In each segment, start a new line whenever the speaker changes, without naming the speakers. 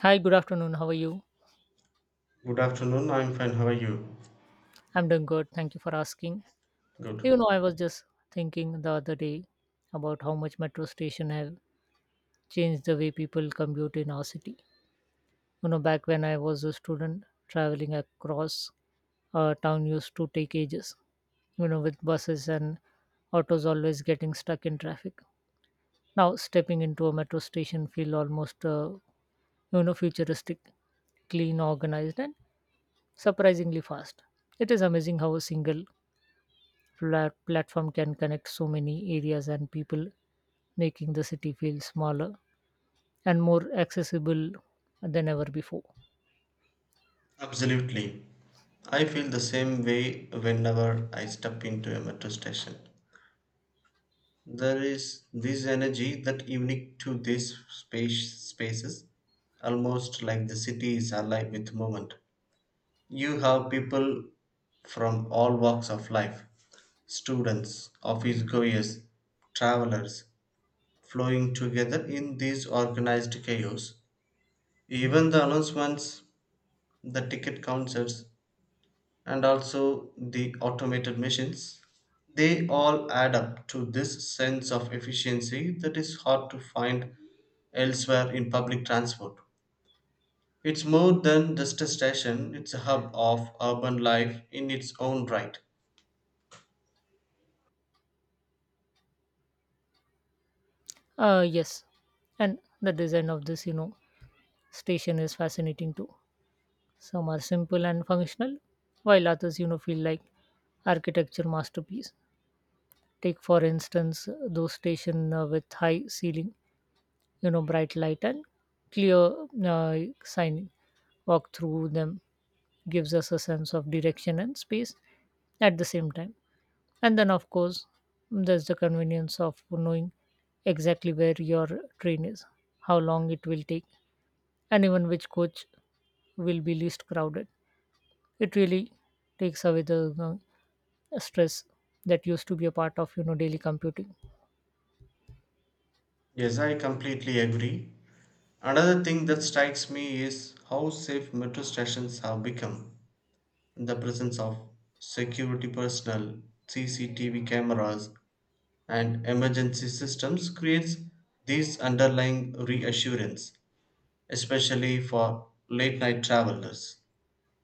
Hi, good afternoon. How are you?
Good afternoon. I'm fine. How are you?
I'm doing good. Thank you for asking.
Good.
I was just thinking the other day about how much metro station have changed the way people commute in our city. Back when I was a student, traveling across a town used to take ages, with buses and autos always getting stuck in traffic. Now, stepping into a metro station feel almost, futuristic clean, organized, and surprisingly fast. It is amazing how a single platform can connect so many areas and people, making the city feel smaller and more accessible than ever before.
Absolutely. I feel the same way whenever I step into a metro station. There is this energy that unique to these spaces, almost like the city is alive with movement. You have people from all walks of life, students, office goers, travelers, flowing together in this organized chaos. Even the announcements the ticket counters, and also the automated machines. They all add up to this sense of efficiency that is hard to find elsewhere in public transport. It's more than just a station, it's a hub of urban life in its own right.
Yes, and the design of this station is fascinating too. Some are simple and functional, while others, feel like architecture masterpiece. Take for instance those station with high ceiling, bright light and clear uh, sign. Walk through them gives us a sense of direction and space at the same time. And then, of course, there's the convenience of knowing exactly where your train is, how long it will take, and even which coach will be least crowded. It really takes away the stress that used to be a part of daily computing.
Yes, I completely agree. Another thing that strikes me is how safe metro stations have become. The presence of security personnel, CCTV cameras, and emergency systems creates these underlying reassurance, especially for late night travelers.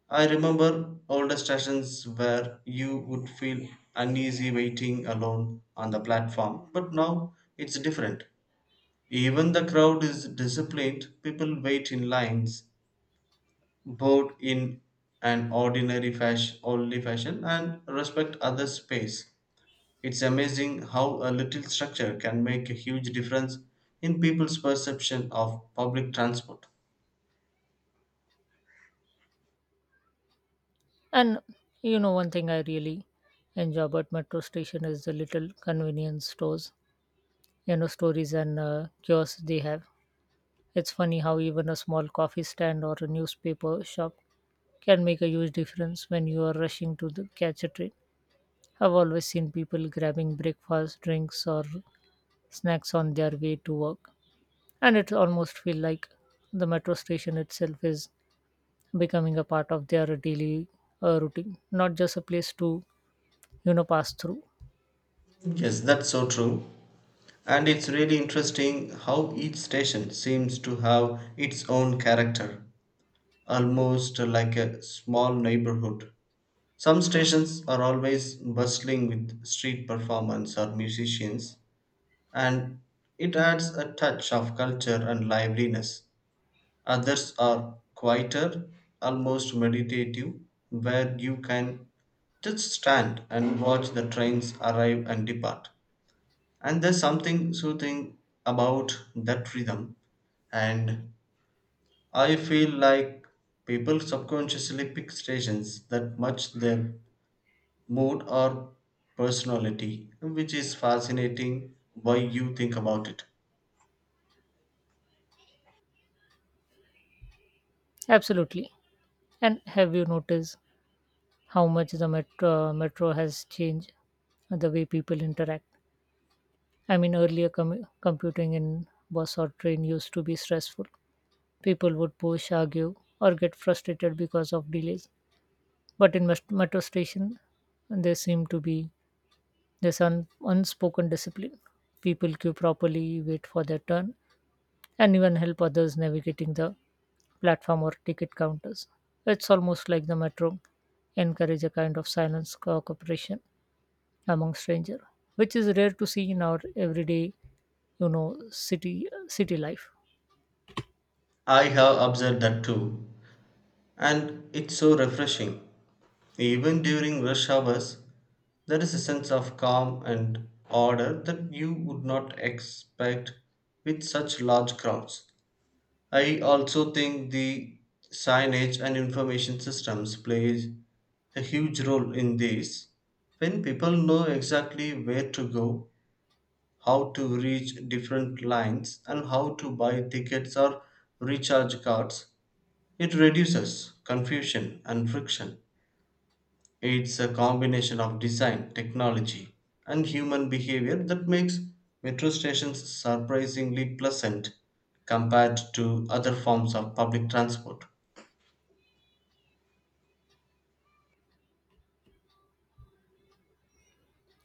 I remember older stations where you would feel uneasy waiting alone on the platform, but now it's different. Even the crowd is disciplined. People wait in lines, both in an ordinary fashion only fashion, and respect other space. It's amazing how a little structure can make a huge difference in people's perception of public transport.
And one thing I really enjoy about metro station is the little convenience stores, stories and kiosks they have. It's funny how even a small coffee stand or a newspaper shop can make a huge difference when you are rushing to catch a train. I've always seen people grabbing breakfast, drinks, or snacks on their way to work, and it almost feels like the metro station itself is becoming a part of their daily routine, not just a place to pass through.
Yes, that's so true. And it's really interesting how each station seems to have its own character, almost like a small neighborhood. Some stations are always bustling with street performance or musicians, and it adds a touch of culture and liveliness. Others are quieter, almost meditative, where you can just stand and watch the trains arrive and depart. And there's something soothing about that rhythm. And I feel like people subconsciously pick stations that match their mood or personality, which is fascinating why you think about it.
Absolutely. And have you noticed how much the metro has changed the way people interact? I mean, earlier commu computing in bus or train used to be stressful. People would push, argue, or get frustrated because of delays. But in metro station, there seemed to be this unspoken discipline. People queue properly, wait for their turn, and even help others navigating the platform or ticket counters. It's almost like the metro encourage a kind of silence cooperation among stranger, which is rare to see in our everyday, city life.
I have observed that too, and it's so refreshing. Even during rush hours, there is a sense of calm and order that you would not expect with such large crowds. I also think the signage and information systems play a huge role in this. When people know exactly where to go, how to reach different lines, and how to buy tickets or recharge cards, it reduces confusion and friction. It's a combination of design, technology, and human behavior that makes metro stations surprisingly pleasant compared to other forms of public transport.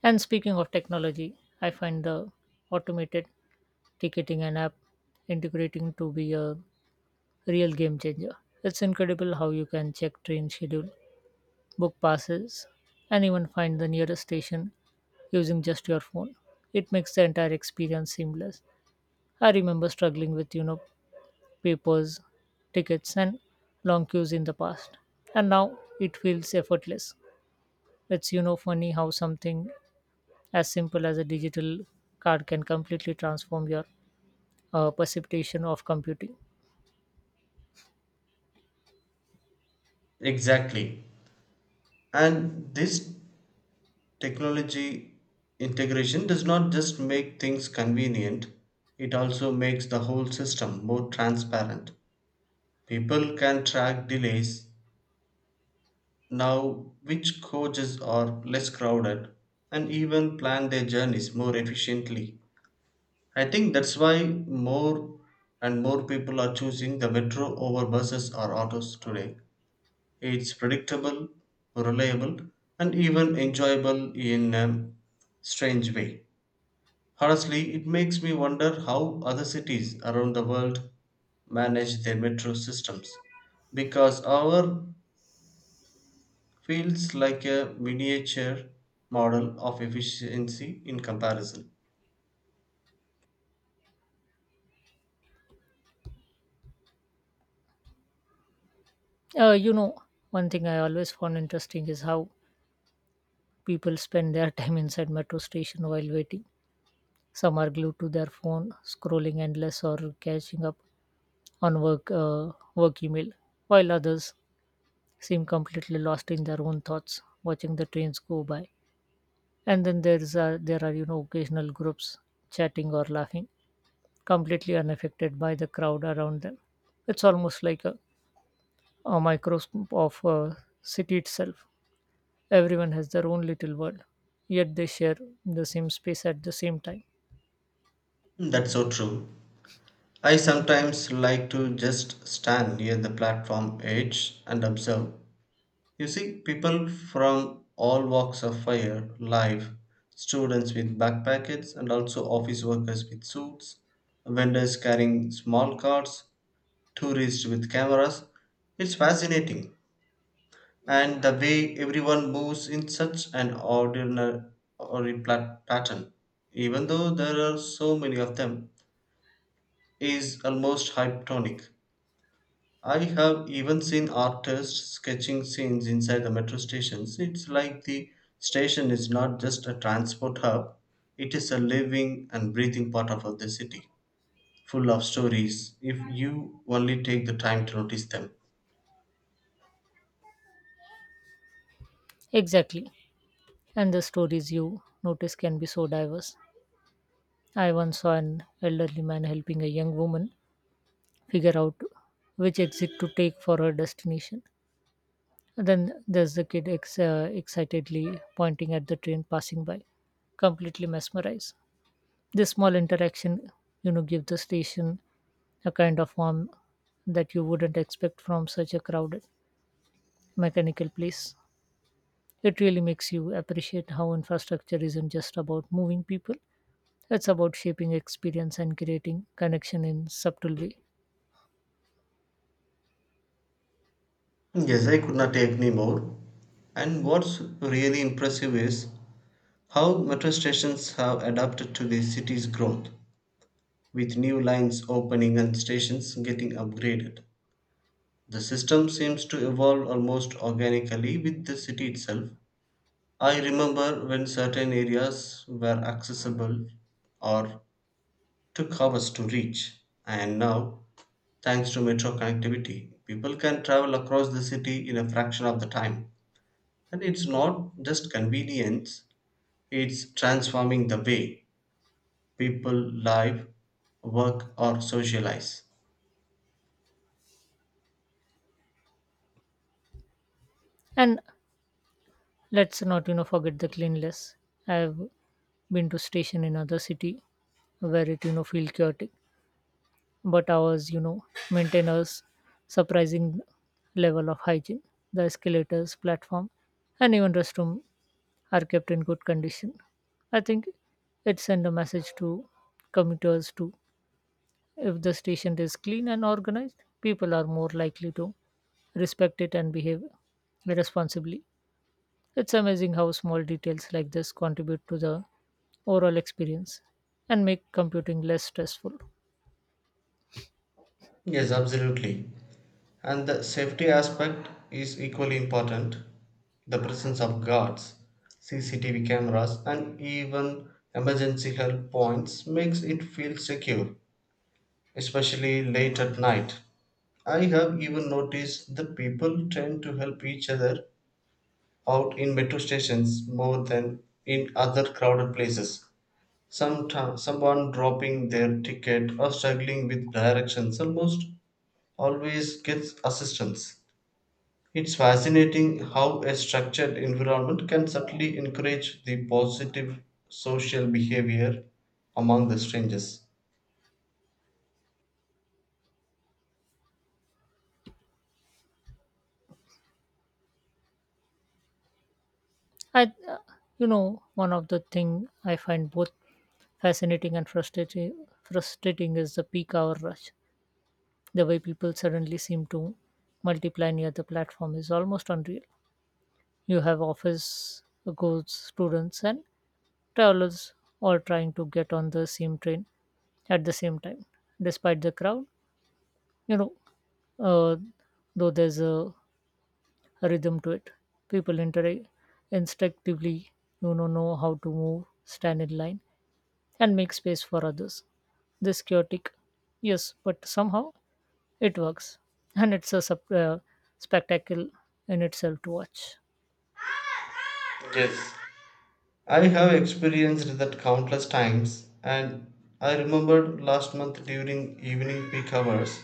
And speaking of technology, I find the automated ticketing and app integrating to be a real game changer. It's incredible how you can check train schedule, book passes, and even find the nearest station using just your phone. It makes the entire experience seamless. I remember struggling with, papers, tickets, and long queues in the past. And now it feels effortless. It's funny how something as simple as a digital card can completely transform your precipitation of computing.
Exactly. And this technology integration does not just make things convenient, it also makes the whole system more transparent. People can track delays, Now, which coaches are less crowded and even plan their journeys more efficiently? I think that's why more and more people are choosing the metro over buses or autos today. It's predictable, reliable, and even enjoyable in a strange way. Honestly, it makes me wonder how other cities around the world manage their metro systems because our feels like a miniature model of efficiency in comparison.
Uh, you know, one thing I always found interesting is how people spend their time inside metro station while waiting. Some are glued to their phone, scrolling endless or catching up on work email, while others seem completely lost in their own thoughts, watching the trains go by. And then there are occasional groups chatting or laughing completely unaffected by the crowd around them. It's almost like a microscope of a city itself. Everyone has their own little world, yet they share the same space at the same time.
That's so true. I sometimes like to just stand near the platform edge and observe. You see, people from all walks of life, students with backpackets, and also office workers with suits, vendors carrying small carts, tourists with cameras. It's fascinating and the way everyone moves in such an ordinary pattern, even though there are so many of them, is almost hypnotic. I have even seen artists sketching scenes inside the metro stations. It's like the station is not just a transport hub, it is a living and breathing part of the city, full of stories if you only take the time to notice them.
Exactly. And the stories you notice can be so diverse. I once saw an elderly man helping a young woman figure out which exit to take for her destination. And then there's the kid excitedly pointing at the train passing by, completely mesmerized. This small interaction, give the station a kind of warmth that you wouldn't expect from such a crowded mechanical place. It really makes you appreciate how infrastructure isn't just about moving people, it's about shaping experience and creating connection in subtle way.
Yes, I could not take any more. And what's really impressive is how metro stations have adapted to the city's growth, with new lines opening and stations getting upgraded. The system seems to evolve almost organically with the city itself. I remember when certain areas were accessible or took hours to reach, and now, thanks to metro connectivity, people can travel across the city in a fraction of the time. And it's not just convenience, it's transforming the way people live, work, or socialize.
And let's not forget the cleanliness. I've been to station in other city where it feel chaotic but ours maintain a surprising level of hygiene. The escalators, platform, and even restroom are kept in good condition. I think it sends a message to commuters too. If the station is clean and organized, people are more likely to respect it and behave responsibly. It's amazing how small details like this contribute to the overall experience and make computing less stressful.
Yes, absolutely. And the safety aspect is equally important. The presence of guards, CCTV cameras, and even emergency help points makes it feel secure, especially late at night. I have even noticed that people tend to help each other out in metro stations more than in other crowded places. Someone dropping their ticket or struggling with directions almost always gets assistance. It's fascinating how a structured environment can subtly encourage the positive social behavior among the strangers.
I, uh, one of the thing I find both fascinating and frustrating is the peak hour rush. The way people suddenly seem to multiply near the platform is almost unreal. You have office goes students and travelers all trying to get on the same train at the same time, despite the crowd. You know, uh, though there's a rhythm to it, people interact instinctively. Know how to move, stand in line, and make space for others. This chaotic, yes, but somehow it works, and it's a spectacle in itself to watch.
Yes. I have experienced that countless times, and I remembered last month during evening peak hours.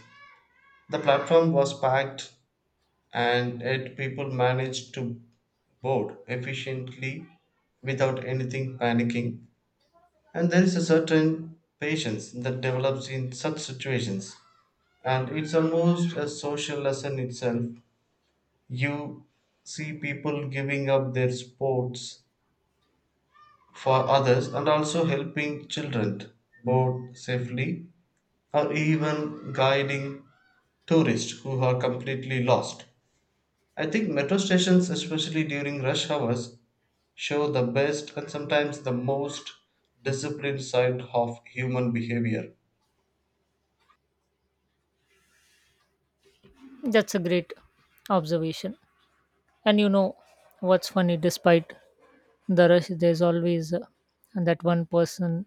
The platform was packed, and yet people manage to board efficiently without anything panicking. And there is a certain patience that develops in such situations, and it's almost a social lesson itself. You see people giving up their sports for others and also helping children board safely, or even guiding tourists who are completely lost. I think metro stations, especially during rush hours, show the best and sometimes the most disciplined side of human behavior.
That's a great observation. And you know what's funny? Despite the rush, there's always that one person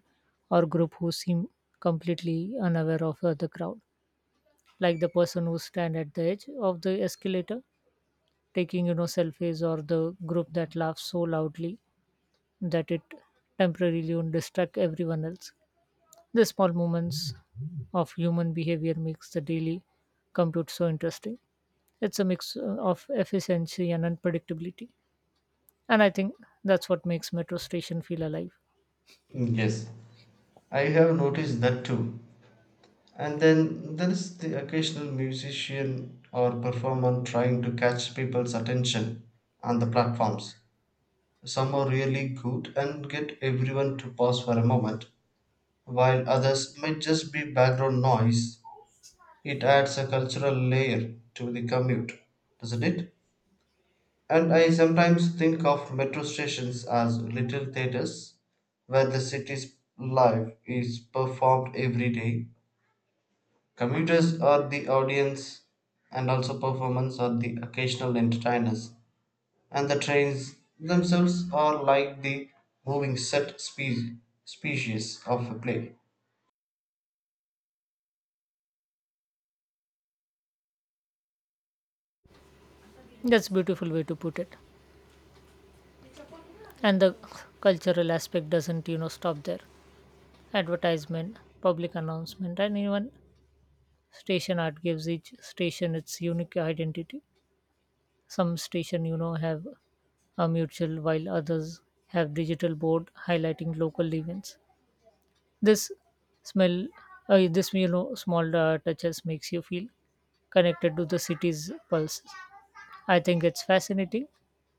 or group who seem completely unaware of the crowd, like the person who stand at the edge of the escalator taking selfies, or the group that laughs so loudly that it temporarily would distract everyone else. The small moments of human behavior makes the daily compute so interesting. It's a mix of efficiency and unpredictability. And I think that's what makes metro station feel alive.
Yes, I have noticed that too. And then there is the occasional musician or performer trying to catch people's attention on the platforms. Some are really good and get everyone to pause for a moment, while others might just be background noise. It adds a cultural layer to the commute, doesn't it? And I sometimes think of metro stations as little theaters where the city's life is performed every day. Commuters are the audience, and also performers are the occasional entertainers. And the trains themselves are like the moving species of a play.
That's a beautiful way to put it. And the cultural aspect doesn't stop there. Advertisement, public announcement, and even station art gives each station its unique identity. Some station, have are mutual, while others have digital board highlighting local events. This smell, this small touches makes you feel connected to the city's pulse. I think it's fascinating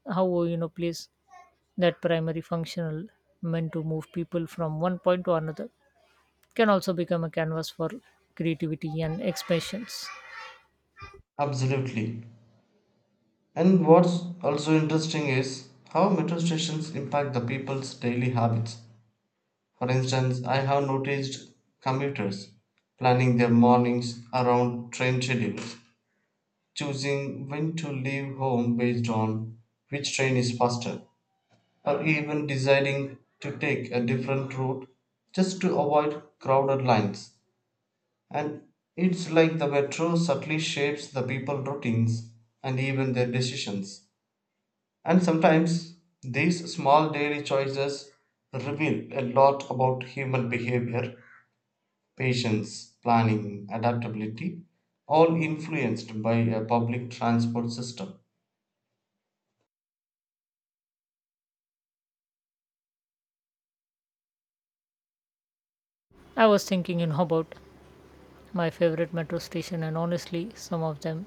how place that primary functional meant to move people from one point to another can also become a canvas for creativity and expressions.
Absolutely. And what's also interesting is how metro stations impact the people's daily habits. For instance, I have noticed commuters planning their mornings around train schedules, choosing when to leave home based on which train is faster, or even deciding to take a different route just to avoid crowded lines. And it's like the metro subtly shapes the people routines and even their decisions. And sometimes these small daily choices reveal a lot about human behavior patience, planning, adaptability, all influenced by a public transport system.
I was thinking, about my favorite metro station. And honestly, some of them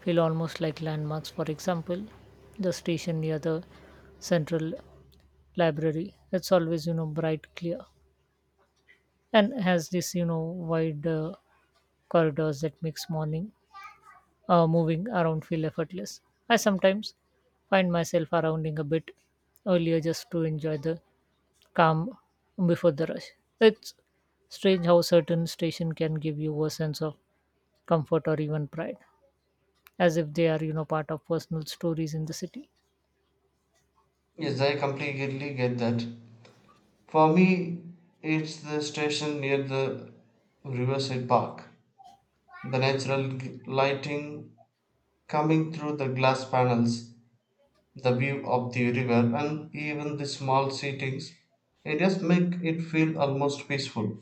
feel almost like landmarks. For example, the station near the central library, it's always bright, clear, and has this wide corridors that makes morning moving around feel effortless. I sometimes find myself arounding a bit earlier just to enjoy the calm before the rush. It's strange how certain station can give you a sense of comfort or even pride, as if they are part of personal stories in the city.
Yes, I completely get that. For me, it's the station near the Riverside Park. The natural lighting coming through the glass panels, the view of the river, and even the small seatings, it just make it feel almost peaceful.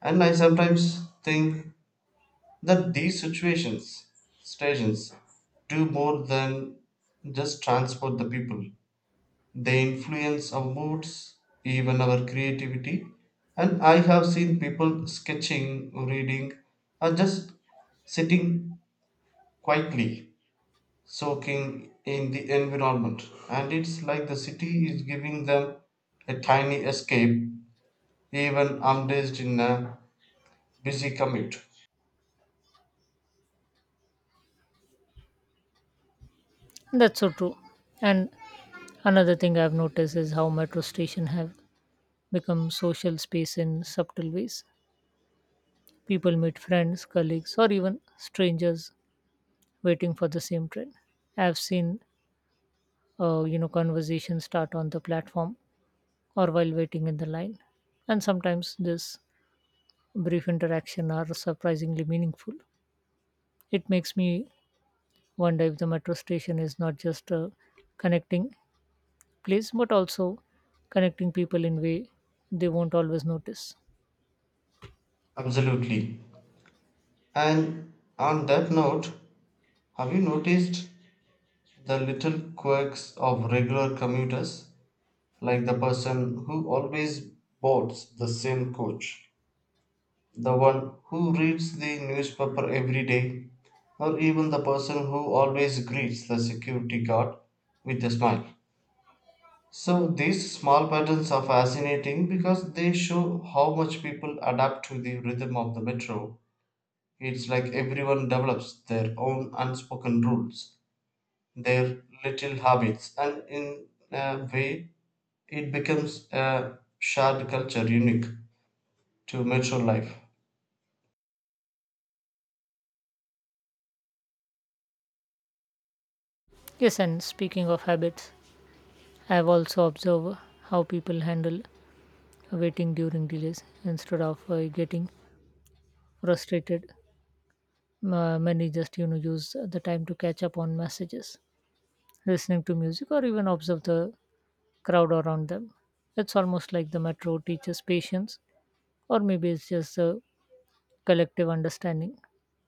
And I sometimes think that these situations stations do more than just transport the people. They influence our moods, even our creativity. And I have seen people sketching, reading, or just sitting quietly, soaking in the environment. And it's like the city is giving them a tiny escape even amidst in a busy commute.
That's so true. And another thing I've noticed is how metro station have become social space in subtle ways. People meet friends, colleagues, or even strangers waiting for the same train. I've seen conversations start on the platform or while waiting in the line, and sometimes this brief interaction are surprisingly meaningful. It makes me wonder if the metro station is not just connecting place but also connecting people in way they won't always notice.
Absolutely. And on that note, Have you noticed the little quirks of regular commuters, like the person who always boards the same coach, the one who reads the newspaper every day, or even the person who always greets the security guard with a smile? So, these small patterns are fascinating because they show how much people adapt to the rhythm of the metro. It's like everyone develops their own unspoken rules their little habits, and in a way, it becomes a shared culture unique to metro life.
Yes. And speaking of habits, I have also observed how people handle waiting during delays. Instead of getting frustrated, many just use the time to catch up on messages, listening to music, or even observe the crowd around them. It's almost like the metro teaches patience, or maybe it's just a collective understanding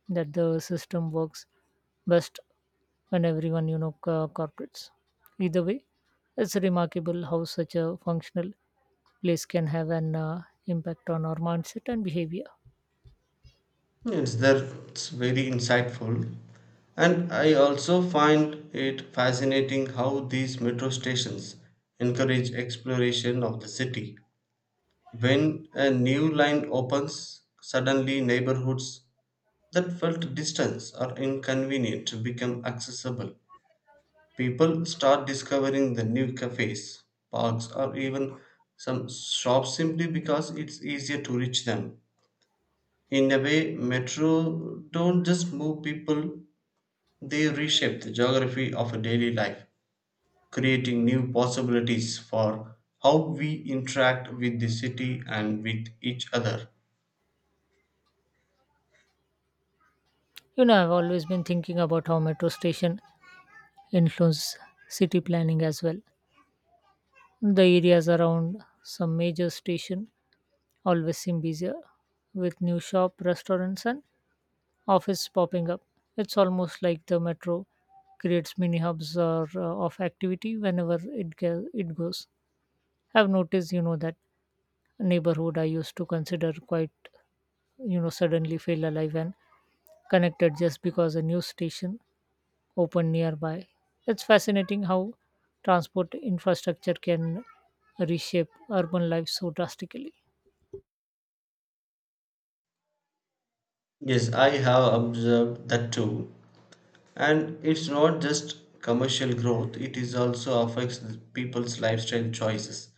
that the system works best and everyone cooperates. Either way, it's remarkable how such a functional place can have an impact on our mindset and behavior.
Yes, that's very insightful. And I also find it fascinating how these metro stations encourage exploration of the city. When a new line opens, suddenly neighborhoods that felt distant or inconvenient become accessible. People start discovering the new cafes, parks, or even some shops simply because it's easier to reach them. In a way, metro don't just move people, they reshape the geography of a daily life, creating new possibilities for how we interact with the city and with each other.
I've always been thinking about how metro station influence city planning as well. The areas around some major station always seem busier with new shop restaurants and office popping up. It's almost like the metro creates mini hubs or of activity whenever it goes. I've noticed, that neighborhood I used to consider quite, suddenly feel alive and connected just because a news station opened nearby. It's fascinating how transport infrastructure can reshape urban life so drastically.
Yes, I have observed that too. And it's not just commercial growth, it is also affects the people's lifestyle choices.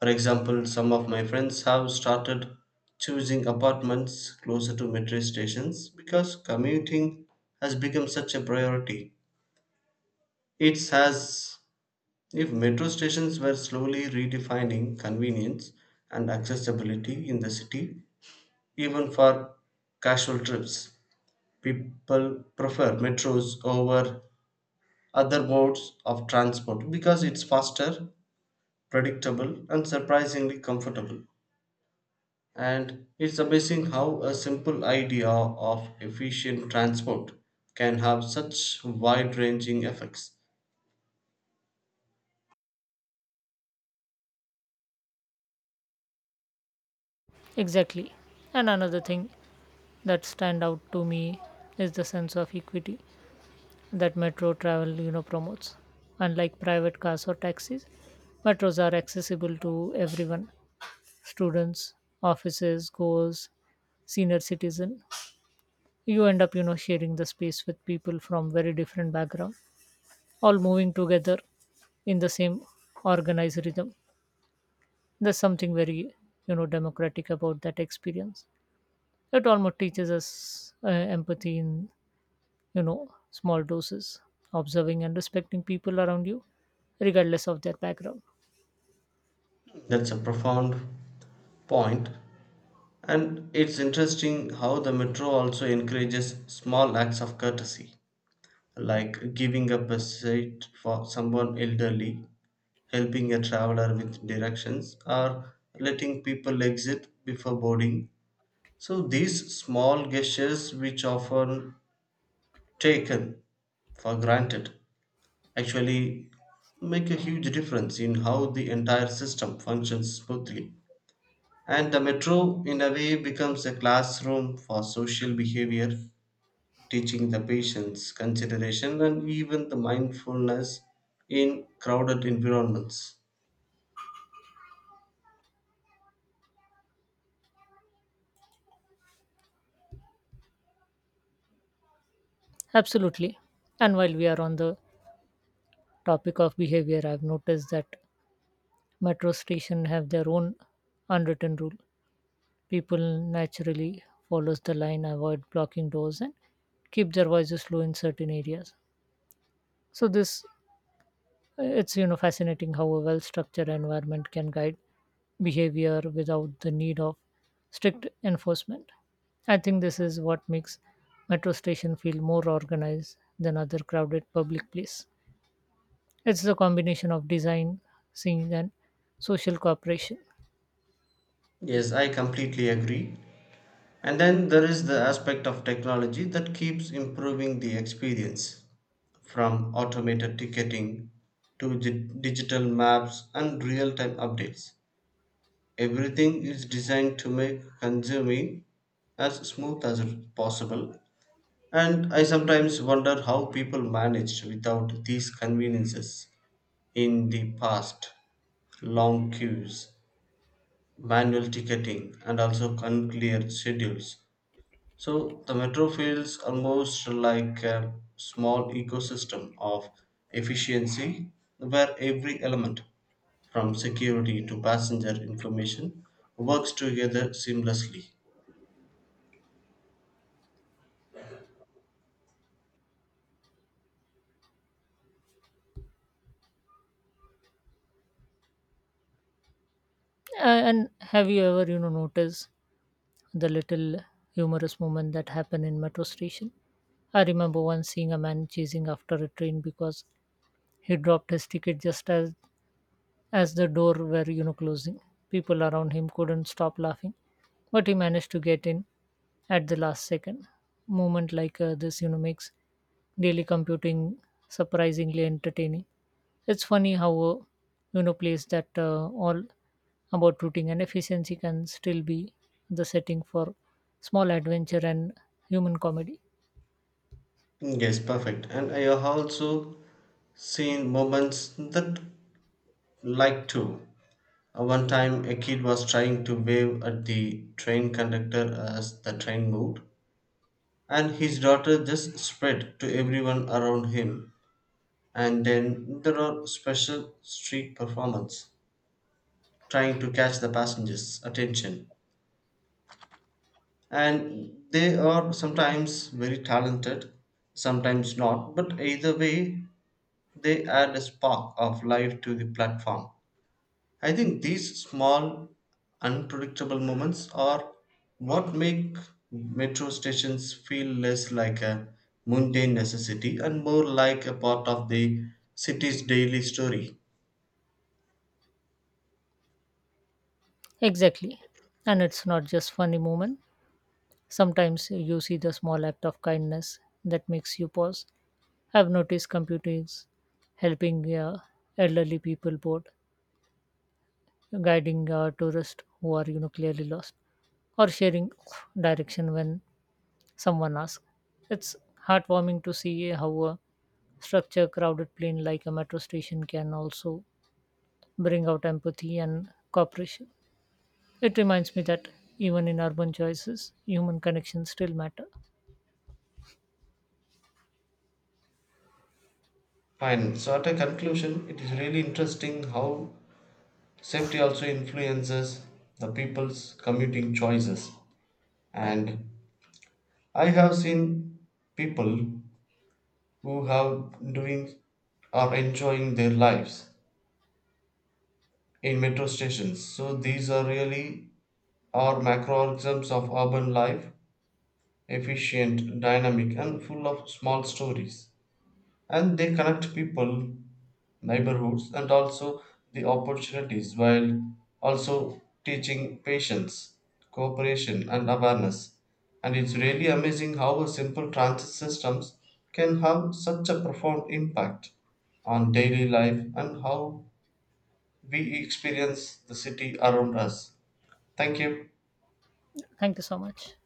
For example, some of my friends have started choosing apartments closer to metro stations because commuting has become such a priority. It's as if metro stations were slowly redefining convenience and accessibility in the city, even for casual trips. People prefer metros over other modes of transport because it's faster, predictable, and surprisingly comfortable. And it's amazing how a simple idea of efficient transport can have such wide ranging effects.
Exactly. And another thing that stand out to me is the sense of equity that metro travel, promotes. Unlike private cars or taxis, metros are accessible to everyone students, offices, goals, senior citizen. You end up, sharing the space with people from very different background, all moving together in the same organized rhythm. There's something very, democratic about that experience. It almost teaches us empathy in, small doses, observing and respecting people around you, regardless of their background.
That's a profound point. And it's interesting how the metro also encourages small acts of courtesy, like giving up a seat for someone elderly, helping a traveler with directions, or letting people exit before boarding. So, these small gestures, which often taken for granted actually make a huge difference in how the entire system functions smoothly. And the metro, in a way, becomes a classroom for social behavior, teaching the patience, consideration, and even the mindfulness in crowded environments.
Absolutely. And while we are on the topic of behavior, I've noticed that metro stations have their own unwritten rule. People naturally follows the line, avoid blocking doors, and keep their voices low in certain areas. So this it's you know fascinating how a well-structured environment can guide behavior without the need of strict enforcement. I think this is what makes metro station feel more organized than other crowded public place. It's the combination of design, scene, and social cooperation.
Yes, I completely agree. And then there is the aspect of technology that keeps improving the experience. From automated ticketing to digital maps and real time updates. Everything is designed to make consuming as smooth as possible, and I sometimes wonder how people managed without these conveniences in the past long queues, manual ticketing, and also unclear schedules. So the metro feels almost like a small ecosystem of efficiency where every element, from security to passenger information, works together seamlessly.
And have you ever, noticed the little humorous moment that happened in metro station? I remember once seeing a man chasing after a train because he dropped his ticket just as the door were closing. People around him couldn't stop laughing, but he managed to get in at the last second. Moment like this makes daily computing surprisingly entertaining. It's funny how a place that all about routing and efficiency can still be the setting for small adventure and human comedy.
Yes, perfect. And I have also seen moments that like to. One time, a kid was trying to wave at the train conductor as the train moved, and his daughter just spread to everyone around him. And then there are special street performance trying to catch the passengers attention, and they are sometimes very talented, sometimes not, but either way they add a spark of life to the platform. I think these small unpredictable moments are what make metro stations feel less like a mundane necessity and more like a part of the city's daily story.
Exactly. And it's not just funny moment. Sometimes you see the small act of kindness that makes you pause. I've noticed computers helping elderly people board, guiding tourists who are clearly lost, or sharing direction when someone asks. It's heartwarming to see how a structure crowded plane like a metro station can also bring out empathy and cooperation. It reminds me that even in urban choices, human connections still matter.
Fine. So at a conclusion, it is really interesting how safety also influences the people's commuting choices. And I have seen people who have doing or enjoying their lives in metro stations. So these are really our macroorganisms of urban life, efficient, dynamic, and full of small stories. And they connect people, neighborhoods, and also the opportunities while also teaching patience, cooperation, and awareness. And it's really amazing how a simple transit systems can have such a profound impact on daily life and how we experience the city around us. Thank you.
Thank you so much.